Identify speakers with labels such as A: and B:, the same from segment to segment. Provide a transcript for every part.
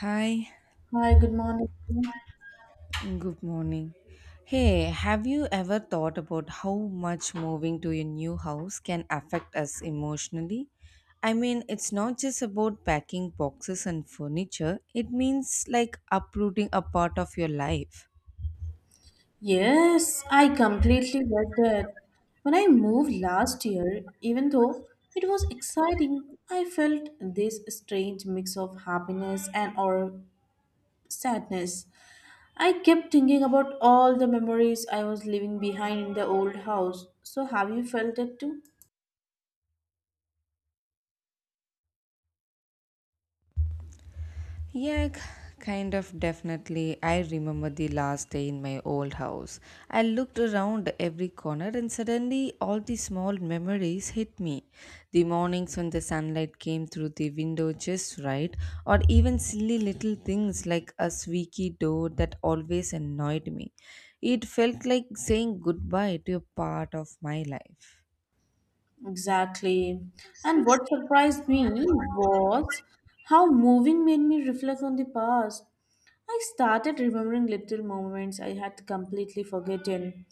A: Hi,
B: Hi, good morning.
A: good morning. Hey, have you ever thought about how much moving to a new house can affect us emotionally? I mean, it's not just about packing boxes and furniture, it means like uprooting a part of your life.
B: Yes, I completely get that. When I moved last year, even though it was exciting, I felt this strange mix of happiness and or sadness. I kept thinking about all the memories I was leaving behind in the old house. So have you felt it too?
A: Yeah, kind of definitely. I remember the last day in my old house. I looked around every corner and suddenly all the small memories hit me. The mornings when the sunlight came through the window just right, or even silly little things like a squeaky door that always annoyed me. It felt like saying goodbye to a part of my life.
B: Exactly. And what surprised me was how moving made me reflect on the past. I started remembering little moments I had completely forgotten,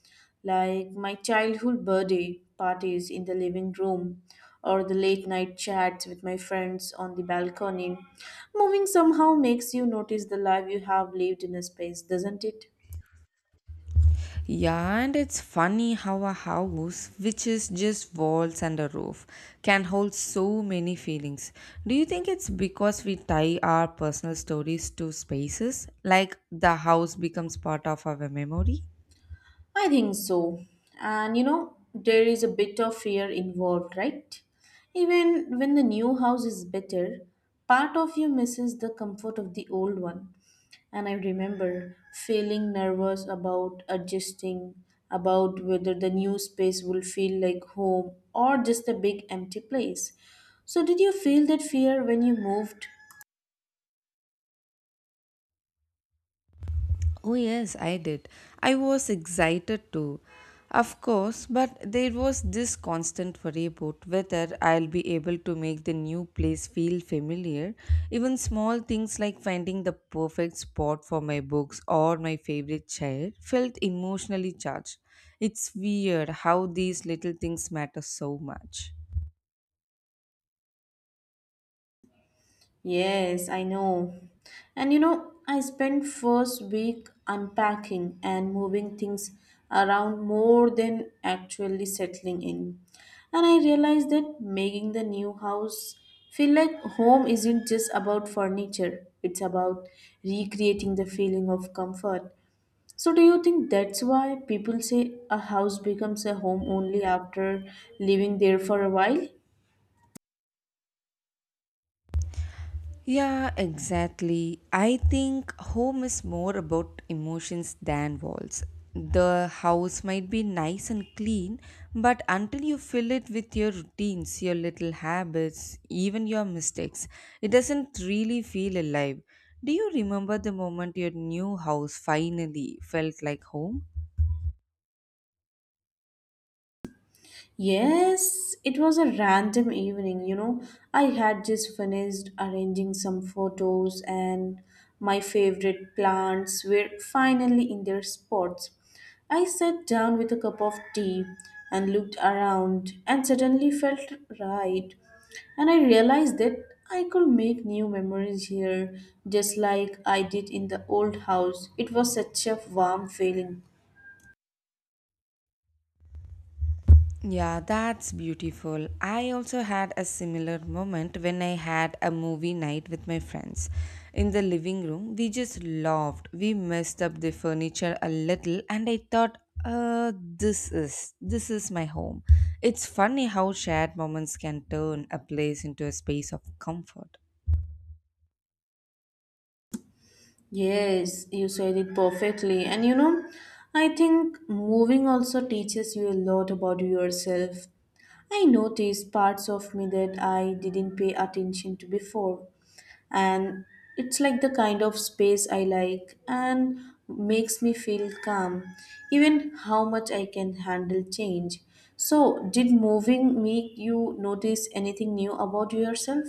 B: like my childhood birthday parties in the living room or the late night chats with my friends on the balcony. Moving somehow makes you notice the life you have lived in a space, doesn't it?
A: Yeah, and it's funny how a house, which is just walls and a roof, can hold so many feelings. Do you think it's because we tie our personal stories to spaces? Like the house becomes part of our memory?
B: I think so. And you know, there is a bit of fear involved, right? Even when the new house is better, part of you misses the comfort of the old one. And I remember feeling nervous about adjusting, about whether the new space will feel like home or just a big empty place. So, did you feel that fear when you moved?
A: Oh, yes, I did. I was excited too. Of course, but there was this constant worry about whether I'll be able to make the new place feel familiar. Even small things like finding the perfect spot for my books or my favorite chair felt emotionally charged. It's weird how these little things matter so much.
B: Yes, I know. And you know, I spent first week unpacking and moving things around more than actually settling in. And I realized that making the new house feel like home isn't just about furniture, it's about recreating the feeling of comfort. So do you think that's why people say a house becomes a home only after living there for a while?
A: Yeah, exactly. I think home is more about emotions than walls. The house might be nice and clean, but until you fill it with your routines, your little habits, even your mistakes, it doesn't really feel alive. Do you remember the moment your new house finally felt like home?
B: Yes, it was a random evening, you know. I had just finished arranging some photos, and my favorite plants were finally in their spots. I sat down with a cup of tea and looked around, and suddenly felt right. And I realized that I could make new memories here, just like I did in the old house. It was such a warm feeling.
A: Yeah, that's beautiful. I also had a similar moment when I had a movie night with my friends. In the living room, we just laughed. We messed up the furniture a little and I thought, this is my home. It's funny how shared moments can turn a place into a space of comfort.
B: Yes, you said it perfectly. And you know, I think moving also teaches you a lot about yourself. I noticed parts of me that I didn't pay attention to before. And it's like the kind of space I like and makes me feel calm, even how much I can handle change. So, did moving make you notice anything new about yourself?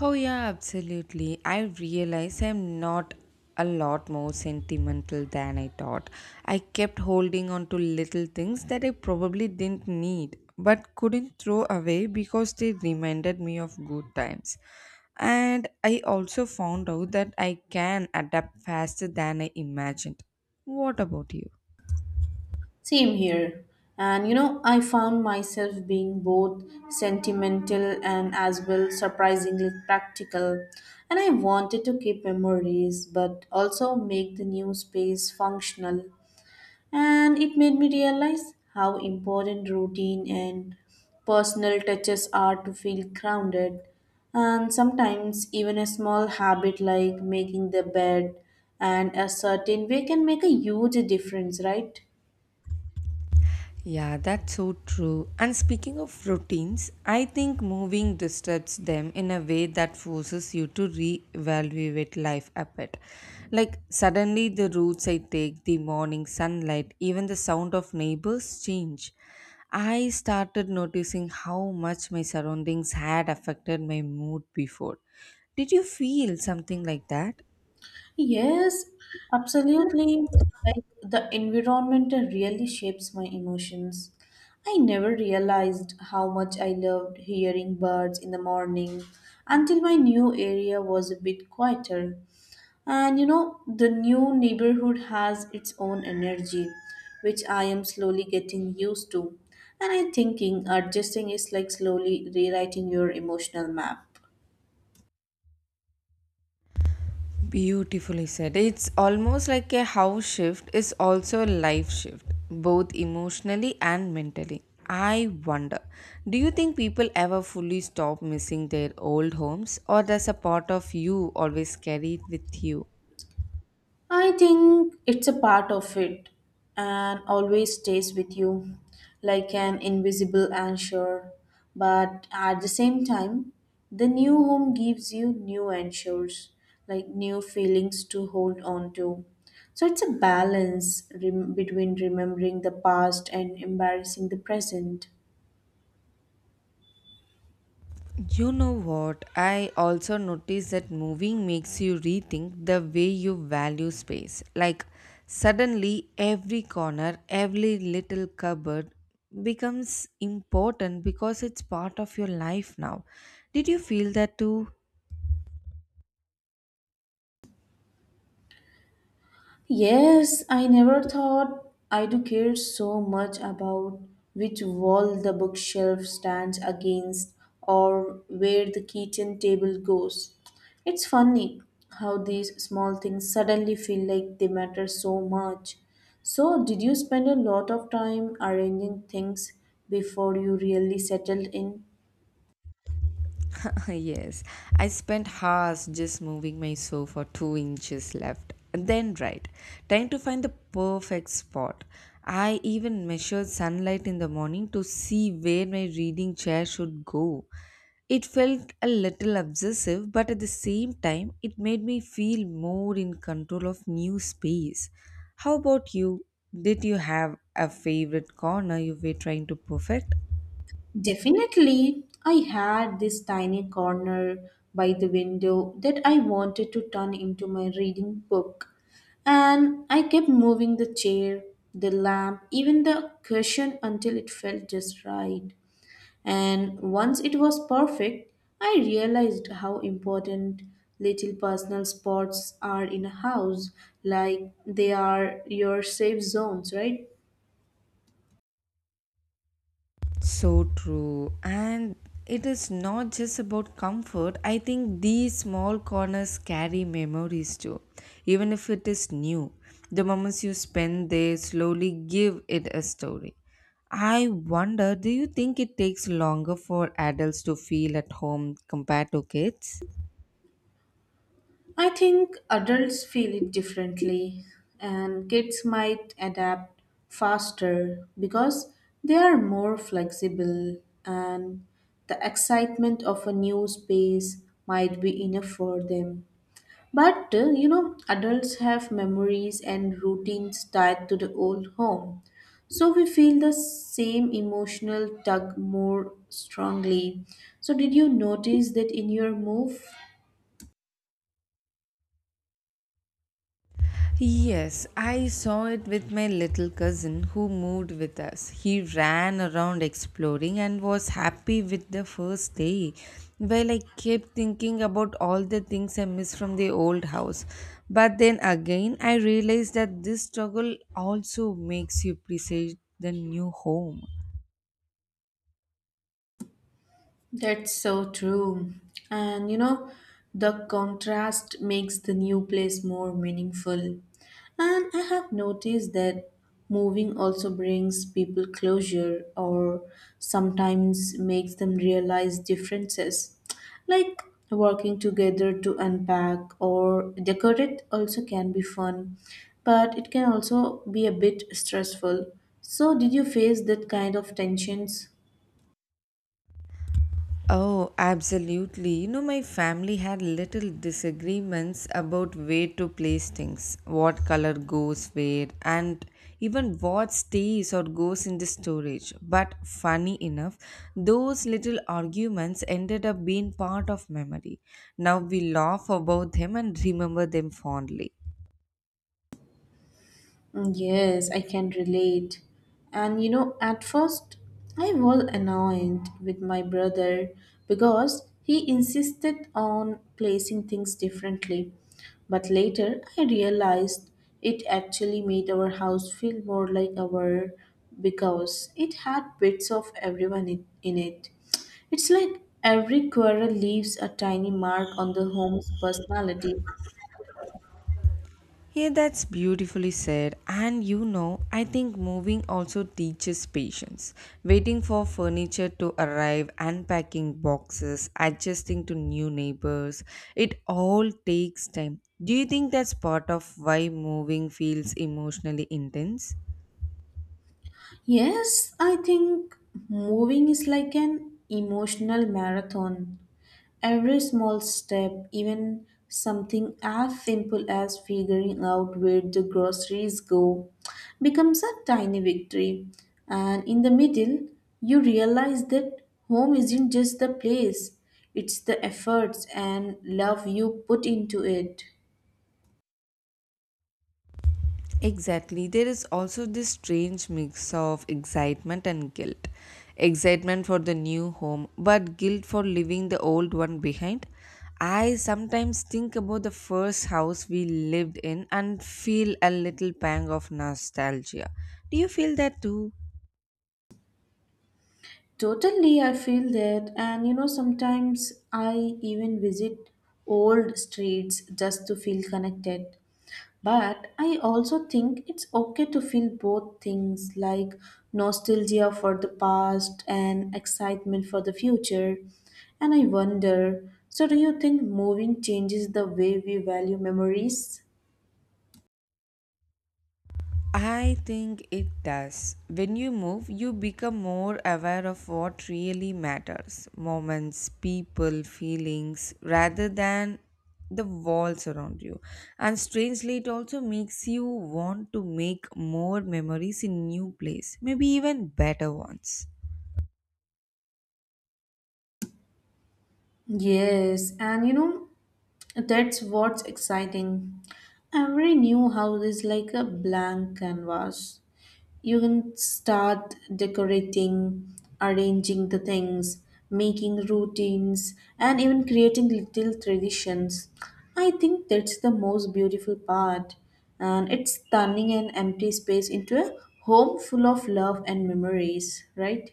A: Oh, yeah, absolutely. I realize I'm not a lot more sentimental than I thought. I kept holding on to little things that I probably didn't need but couldn't throw away because they reminded me of good times. And I also found out that I can adapt faster than I imagined. What about you?
B: Same here. And you know, I found myself being both sentimental and as well surprisingly practical. And I wanted to keep memories but also make the new space functional. And it made me realize how important routine and personal touches are to feel grounded. And sometimes, even a small habit like making the bed and a certain way can make a huge difference, right?
A: Yeah, that's so true. And speaking of routines, I think moving disturbs them in a way that forces you to re-evaluate life a bit. Like suddenly the routes I take, the morning sunlight, even the sound of neighbors change. I started noticing how much my surroundings had affected my mood before. Did you feel something like that?
B: Yes, absolutely. Like the environment really shapes my emotions. I never realized how much I loved hearing birds in the morning until my new area was a bit quieter. And you know, the new neighborhood has its own energy, which I am slowly getting used to. And I'm thinking adjusting is like slowly rewriting your emotional map.
A: Beautifully said. It's almost like a house shift is also a life shift, both emotionally and mentally. I wonder, do you think people ever fully stop missing their old homes, or does a part of you always carry it with you?
B: I think it's a part of it and always stays with you like an invisible anchor. But at the same time, the new home gives you new anchors, like new feelings to hold on to. So it's a balance between remembering the past and embarrassing the present.
A: You know what? I also noticed that moving makes you rethink the way you value space. Like, suddenly, every corner, every little cupboard becomes important because it's part of your life now. Did you feel that too?
B: Yes, I never thought I do care so much about which wall the bookshelf stands against or where the kitchen table goes. It's funny how these small things suddenly feel like they matter so much. So, did you spend a lot of time arranging things before you really settled in?
A: Yes, I spent hours just moving my sofa 2 inches left and then right, trying to find the perfect spot. I even measured sunlight in the morning to see where my reading chair should go. It felt a little obsessive, but at the same time, it made me feel more in control of new space. How about you? Did you have a favorite corner you were trying to perfect?
B: Definitely, I had this tiny corner by the window that I wanted to turn into my reading book. And I kept moving the chair, the lamp, even the cushion until it felt just right. And once it was perfect, I realized how important little personal spots are in a house, like they are your safe zones, right?
A: So true. And it is not just about comfort. I think these small corners carry memories too, even if it is new. The moments you spend there slowly give it a story. I wonder, do you think it takes longer for adults to feel at home compared to kids?
B: I think adults feel it differently, and kids might adapt faster because they are more flexible, and the excitement of a new space might be enough for them. But you know, adults have memories and routines tied to the old home, so we feel the same emotional tug more strongly. So, did you notice that in your move?
A: Yes, I saw it with my little cousin who moved with us. He ran around exploring and was happy with the first day, while I kept thinking about all the things I missed from the old house. But then again, I realized that this struggle also makes you appreciate the new home.
B: That's so true. And you know, the contrast makes the new place more meaningful. And I have noticed that moving also brings people closure or sometimes makes them realize differences. Like working together to unpack or decorate also can be fun, but it can also be a bit stressful. So, did you face that kind of tensions?
A: Oh, absolutely. You know, my family had little disagreements about where to place things, what color goes where, and even what stays or goes in the storage. But funny enough, those little arguments ended up being part of memory. Now we laugh about them and remember them fondly.
B: Mm, yes, I can relate. And you know, at first I was annoyed with my brother because he insisted on placing things differently. But later I realized it actually made our house feel more like our because it had bits of everyone in it. It's like every quarrel leaves a tiny mark on the home's personality.
A: Yeah, that's beautifully said. And you know, I think moving also teaches patience. Waiting for furniture to arrive, unpacking boxes, adjusting to new neighbors, it all takes time. Do you think that's part of why moving feels emotionally intense?
B: Yes, I think moving is like an emotional marathon. Every small step, even something as simple as figuring out where the groceries go, becomes a tiny victory. And in the middle, you realize that home isn't just the place, it's the efforts and love you put into it.
A: Exactly. There is also this strange mix of excitement and guilt. Excitement for the new home, but guilt for leaving the old one behind. I sometimes think about the first house we lived in and feel a little pang of nostalgia. Do you feel that too?
B: Totally, I feel that. And you know, sometimes I even visit old streets just to feel connected. But I also think it's okay to feel both things like nostalgia for the past and excitement for the future. And I wonder so, do you think moving changes the way we value memories?
A: I think it does. When you move, you become more aware of what really matters moments, people, feelings, rather than the walls around you. And strangely, it also makes you want to make more memories in new place, maybe even better ones.
B: Yes, and you know, that's what's exciting. Every new house is like a blank canvas. You can start decorating, arranging the things, making routines, and even creating little traditions. I think that's the most beautiful part, and it's turning an empty space into a home full of love and memories, right?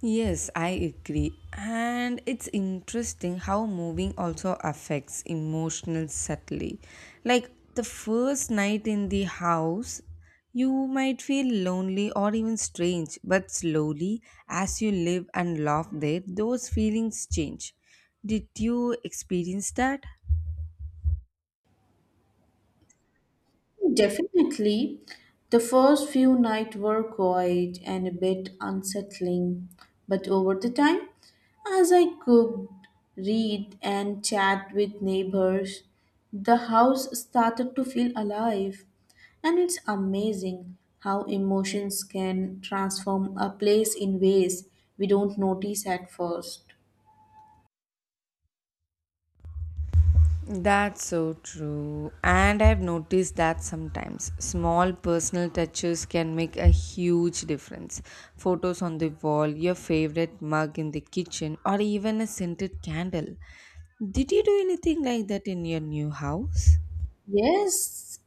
A: Yes, I agree. And it's interesting how moving also affects emotional subtly. Like the first night in the house, you might feel lonely or even strange, but slowly, as you live and laugh there, those feelings change. Did you experience that?
B: Definitely. The first few nights were quiet and a bit unsettling, but over the time, as I cooked, read, and chat with neighbors, the house started to feel alive. And it's amazing how emotions can transform a place in ways we don't notice at first.
A: That's so true. And I've noticed that sometimes small personal touches can make a huge difference. Photos on the wall, your favorite mug in the kitchen, or even a scented candle. Did you do anything like that in your new house?
B: Yes,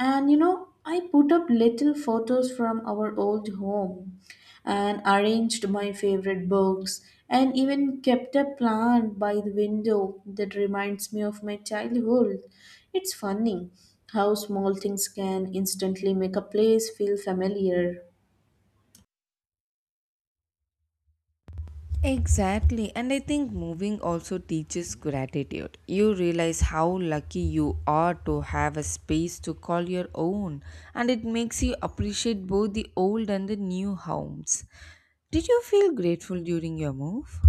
B: and you know, I put up little photos from our old home and arranged my favorite books and even kept a plant by the window that reminds me of my childhood. It's funny how small things can instantly make a place feel familiar.
A: Exactly, and I think moving also teaches gratitude. You realize how lucky you are to have a space to call your own, and it makes you appreciate both the old and the new homes. Did you feel grateful during your move?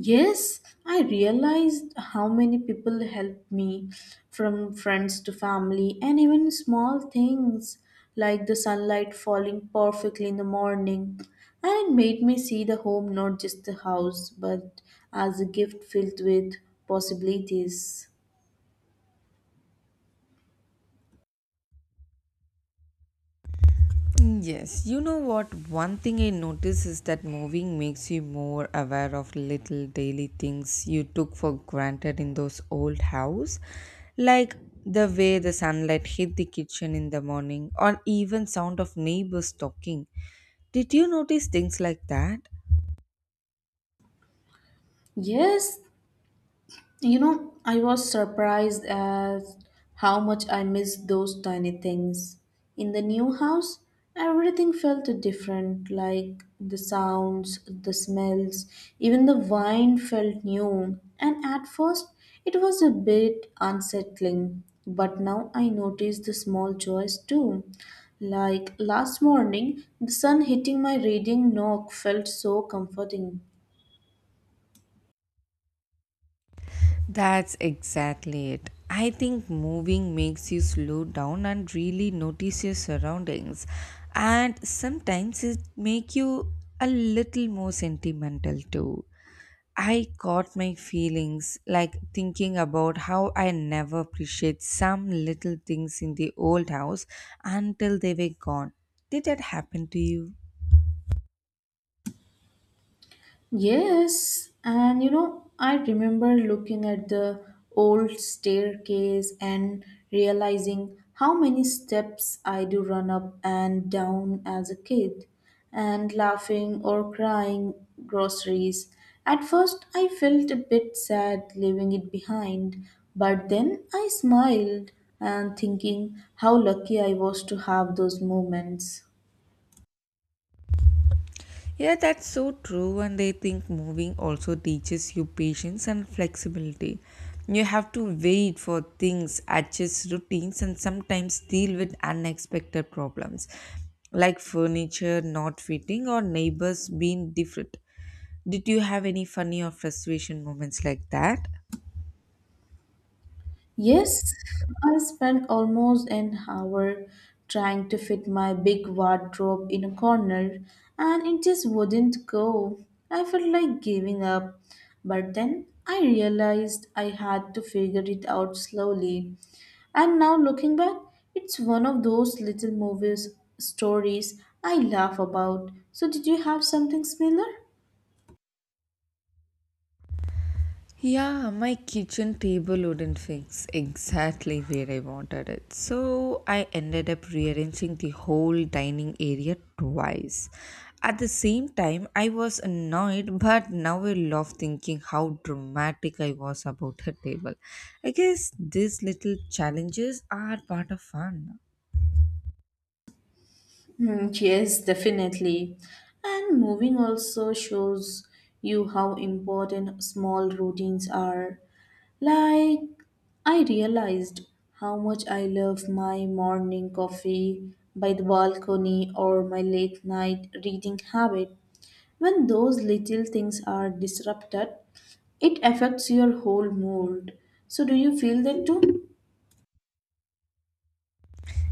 B: Yes, I realized how many people helped me from friends to family and even small things like the sunlight falling perfectly in the morning. And it made me see the home not just the house but as a gift filled with possibilities.
A: Mm, yes, you know what? One thing I notice is that moving makes you more aware of little daily things you took for granted in those old house, like the way the sunlight hit the kitchen in the morning, or even sound of neighbors talking. Did you notice things like that?
B: Yes, you know, I was surprised at how much I missed those tiny things. In the new house, everything felt different like the sounds, the smells, even the wine felt new. And at first, it was a bit unsettling. But now I notice the small joys too. Like last morning, the sun hitting my reading nook felt so comforting.
A: That's exactly it. I think moving makes you slow down and really notice your surroundings. And sometimes it make you a little more sentimental too. I caught my feelings like thinking about how I never appreciate some little things in the old house until they were gone. Did that happen to you?
B: Yes, and you know, I remember looking at the old staircase and realizing how many steps I do run up and down as a kid, and laughing or crying groceries. At first, I felt a bit sad leaving it behind, but then I smiled and thinking how lucky I was to have those moments.
A: Yeah, that's so true. And I think moving also teaches you patience and flexibility. You have to wait for things, adjust routines, and sometimes deal with unexpected problems like furniture not fitting or neighbors being different. Did you have any funny or frustration moments like that?
B: Yes, I spent almost an hour trying to fit my big wardrobe in a corner and it just wouldn't go. I felt like giving up, but then I realized I had to figure it out slowly. And now looking back, it's one of those little movies stories I laugh about. So did you have something similar?
A: Yeah, my kitchen table wouldn't fix exactly where I wanted it. So I ended up rearranging the whole dining area twice. At the same time, I was annoyed, but now I love thinking how dramatic I was about the table. I guess these little challenges are part of fun.
B: Mm, yes, definitely. And moving also shows you how important small routines are. Like, I realized how much I love my morning coffee by the balcony or my late night reading habit. When those little things are disrupted, it affects your whole mood. So, do you feel that too?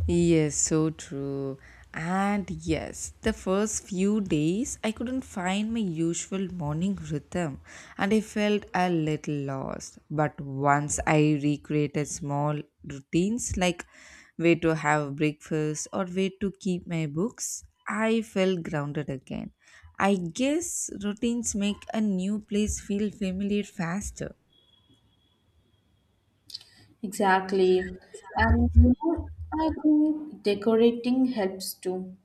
A: Yes, so true. And yes, the first few days I couldn't find my usual morning rhythm and I felt a little lost. But once I recreated small routines like where to have breakfast or where to keep my books, I felt grounded again. I guess routines make a new place feel familiar faster.
B: Exactly. And you know, I think decorating helps too,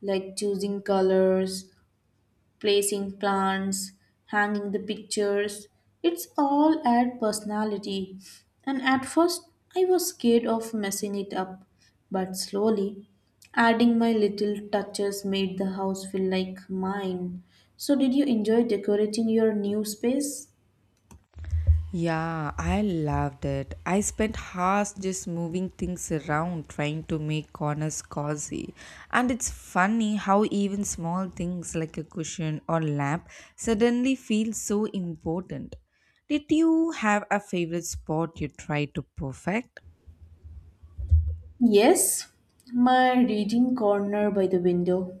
B: like choosing colors, placing plants, hanging the pictures. It's all add personality. And at first, I was scared of messing it up, but slowly, adding my little touches made the house feel like mine. So, did you enjoy decorating your new space?
A: Yeah, I loved it. I spent hours just moving things around trying to make corners cozy. And it's funny how even small things like a cushion or lamp suddenly feel so important. Did you have a favorite spot you tried to perfect?
B: Yes, my reading corner by the window.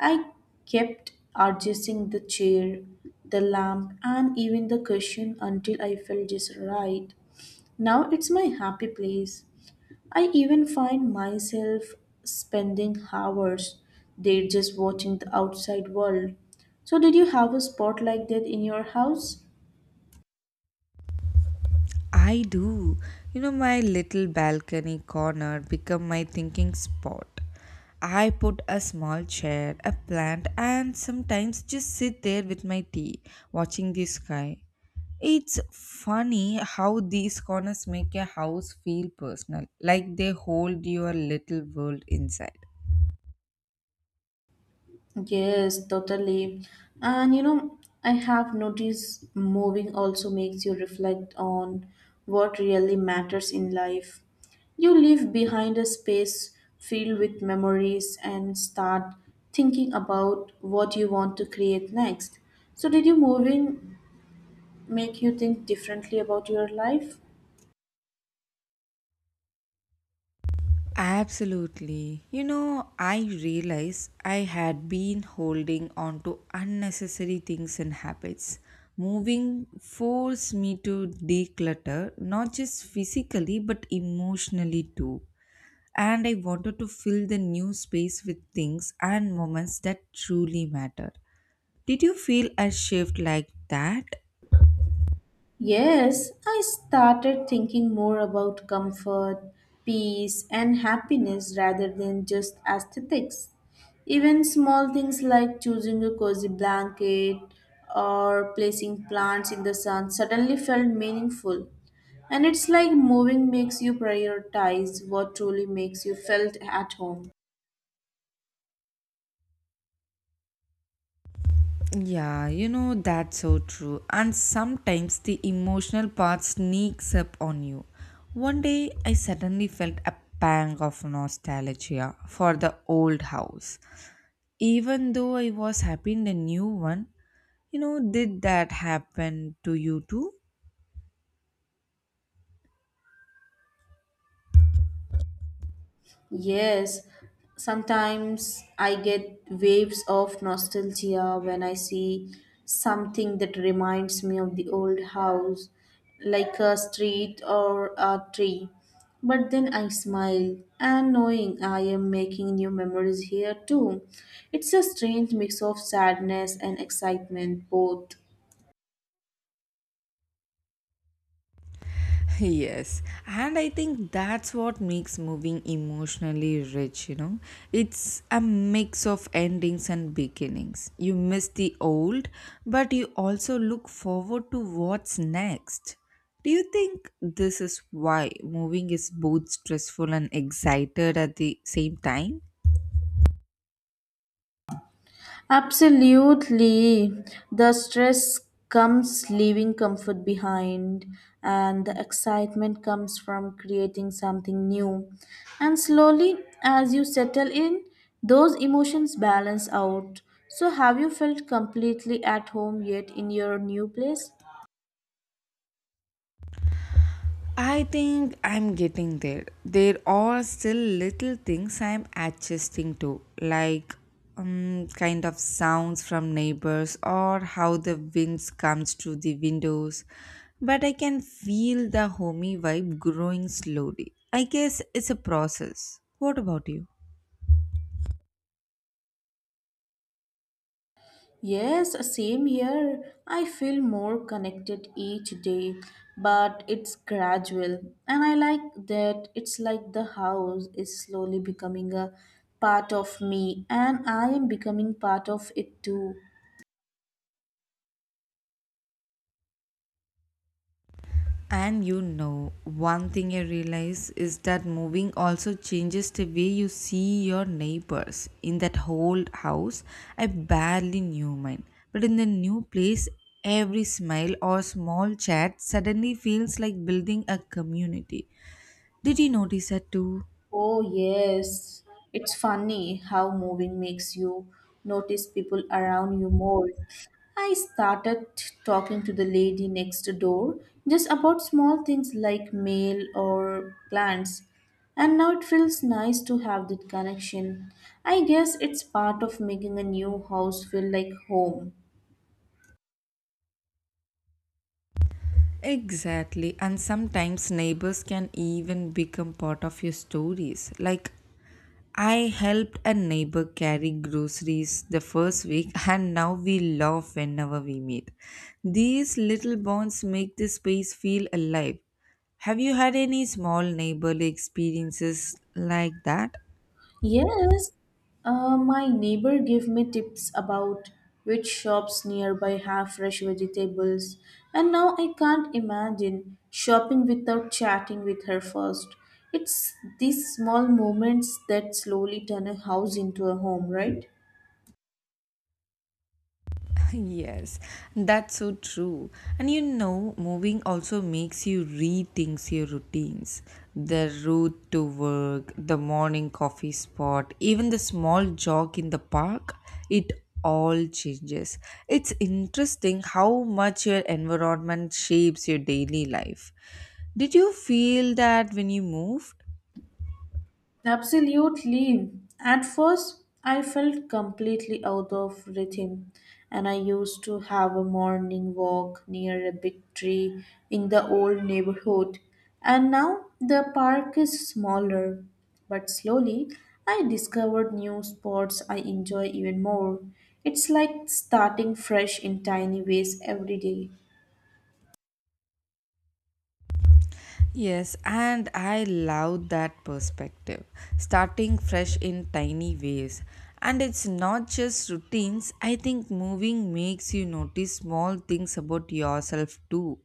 B: I kept adjusting the chair, the lamp, and even the cushion until I felt just right. Now it's my happy place. I even find myself spending hours there just watching the outside world. So, did you have a spot like that in your house?
A: I do. You know, my little balcony corner become my thinking spot. I put a small chair, a plant, and sometimes just sit there with my tea, watching the sky. It's funny how these corners make a house feel personal, like they hold your little world inside.
B: Yes, totally. And you know, I have noticed moving also makes you reflect on what really matters in life. You leave behind a space filled with memories and start thinking about what you want to create next. So, did you moving make you think differently about your life?
A: Absolutely. You know, I realize I had been holding on to unnecessary things and habits. Moving forced me to declutter, not just physically but emotionally too. And I wanted to fill the new space with things and moments that truly matter. Did you feel a shift like that?
B: Yes, I started thinking more about comfort, peace, and happiness rather than just aesthetics. Even small things like choosing a cozy blanket or placing plants in the sun suddenly felt meaningful. And it's like moving makes you prioritize what truly makes you felt at home.
A: Yeah, you know, that's so true. And sometimes the emotional part sneaks up on you. One day, I suddenly felt a pang of nostalgia for the old house. Even though I was happy in the new one, you know, did that happen to you too?
B: Yes, sometimes I get waves of nostalgia when I see something that reminds me of the old house, like a street or a tree. But then I smile and knowing I am making new memories here too. It's a strange mix of sadness and excitement, both.
A: Yes, and I think that's what makes moving emotionally rich, you know. It's a mix of endings and beginnings. You miss the old, but you also look forward to what's next. Do you think this is why moving is both stressful and excited at the same time?
B: Absolutely. The stress comes leaving comfort behind, and the excitement comes from creating something new. And slowly, as you settle in, those emotions balance out. So, have you felt completely at home yet in your new place?
A: I think I'm getting there. There are still little things I'm adjusting to, like kind of sounds from neighbors or how the winds comes through the windows. But I can feel the homey vibe growing slowly. I guess it's a process. What about you?
B: Yes, same here. I feel more connected each day, but it's gradual. And I like that it's like the house is slowly becoming a part of me, and I am becoming part of it too.
A: And you know, one thing I realize is that moving also changes the way you see your neighbors. In that whole house, I barely knew mine. But in the new place, every smile or small chat suddenly feels like building a community. Did you notice that too?
B: Oh, yes. It's funny how moving makes you notice people around you more. I started talking to the lady next door just about small things like mail or plants. And now it feels nice to have that connection. I guess it's part of making a new house feel like home.
A: Exactly, and sometimes neighbors can even become part of your stories. Like, I helped a neighbor carry groceries the first week, and now we laugh whenever we meet. These little bonds make the space feel alive. Have you had any small neighborly experiences like that?
B: Yes, my neighbor gave me tips about which shops nearby have fresh vegetables, and now I can't imagine shopping without chatting with her first. It's these small moments that slowly turn a house into a home, right?
A: Yes, that's so true. And you know, moving also makes you rethink your routines. The route to work, the morning coffee spot, even the small jog in the park, it all changes. It's interesting how much your environment shapes your daily life. Did you feel that when you moved?
B: Absolutely. At first, I felt completely out of rhythm, and I used to have a morning walk near a big tree in the old neighborhood. And now the park is smaller, but slowly I discovered new spots I enjoy even more. It's like starting fresh in tiny ways every day.
A: Yes, and I love that perspective. Starting fresh in tiny ways. And it's not just routines, I think moving makes you notice small things about yourself too.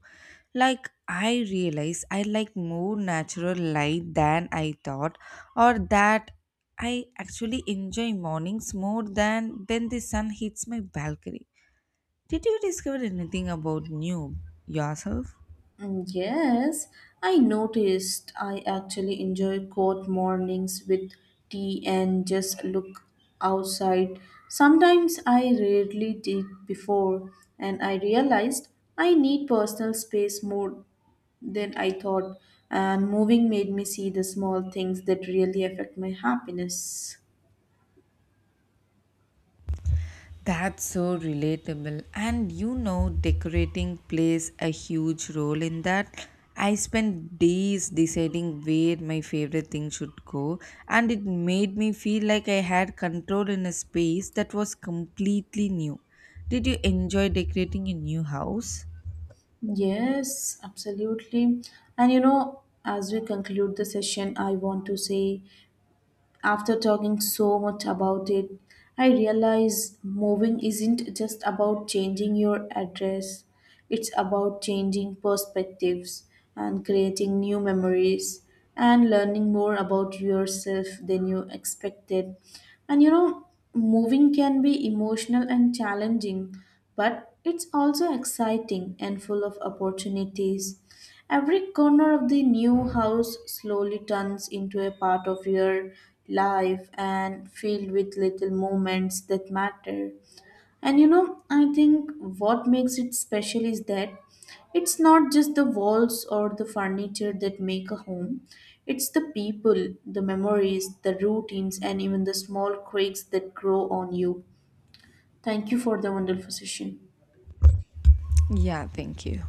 A: Like, I realize I like more natural light than I thought, or that I actually enjoy mornings more than when the sun hits my balcony. Did you discover anything about new yourself?
B: Mm, yes, I noticed I actually enjoy cold mornings with tea and just look outside. Sometimes I rarely did before, and I realized I need personal space more than I thought. And moving made me see the small things that really affect my happiness.
A: That's so relatable. And you know, decorating plays a huge role in that. I spent days deciding where my favorite thing should go, and it made me feel like I had control in a space that was completely new. Did you enjoy decorating a new house?
B: Yes, absolutely. And you know, as we conclude the session, I want to say after talking so much about it, I realize moving isn't just about changing your address, it's about changing perspectives and creating new memories and learning more about yourself than you expected. And you know, moving can be emotional and challenging, but it's also exciting and full of opportunities. Every corner of the new house slowly turns into a part of your life and filled with little moments that matter. And you know, I think what makes it special is that it's not just the walls or the furniture that make a home, it's the people, the memories, the routines, and even the small quakes that grow on you. Thank you for the wonderful session.
A: Yeah, thank you.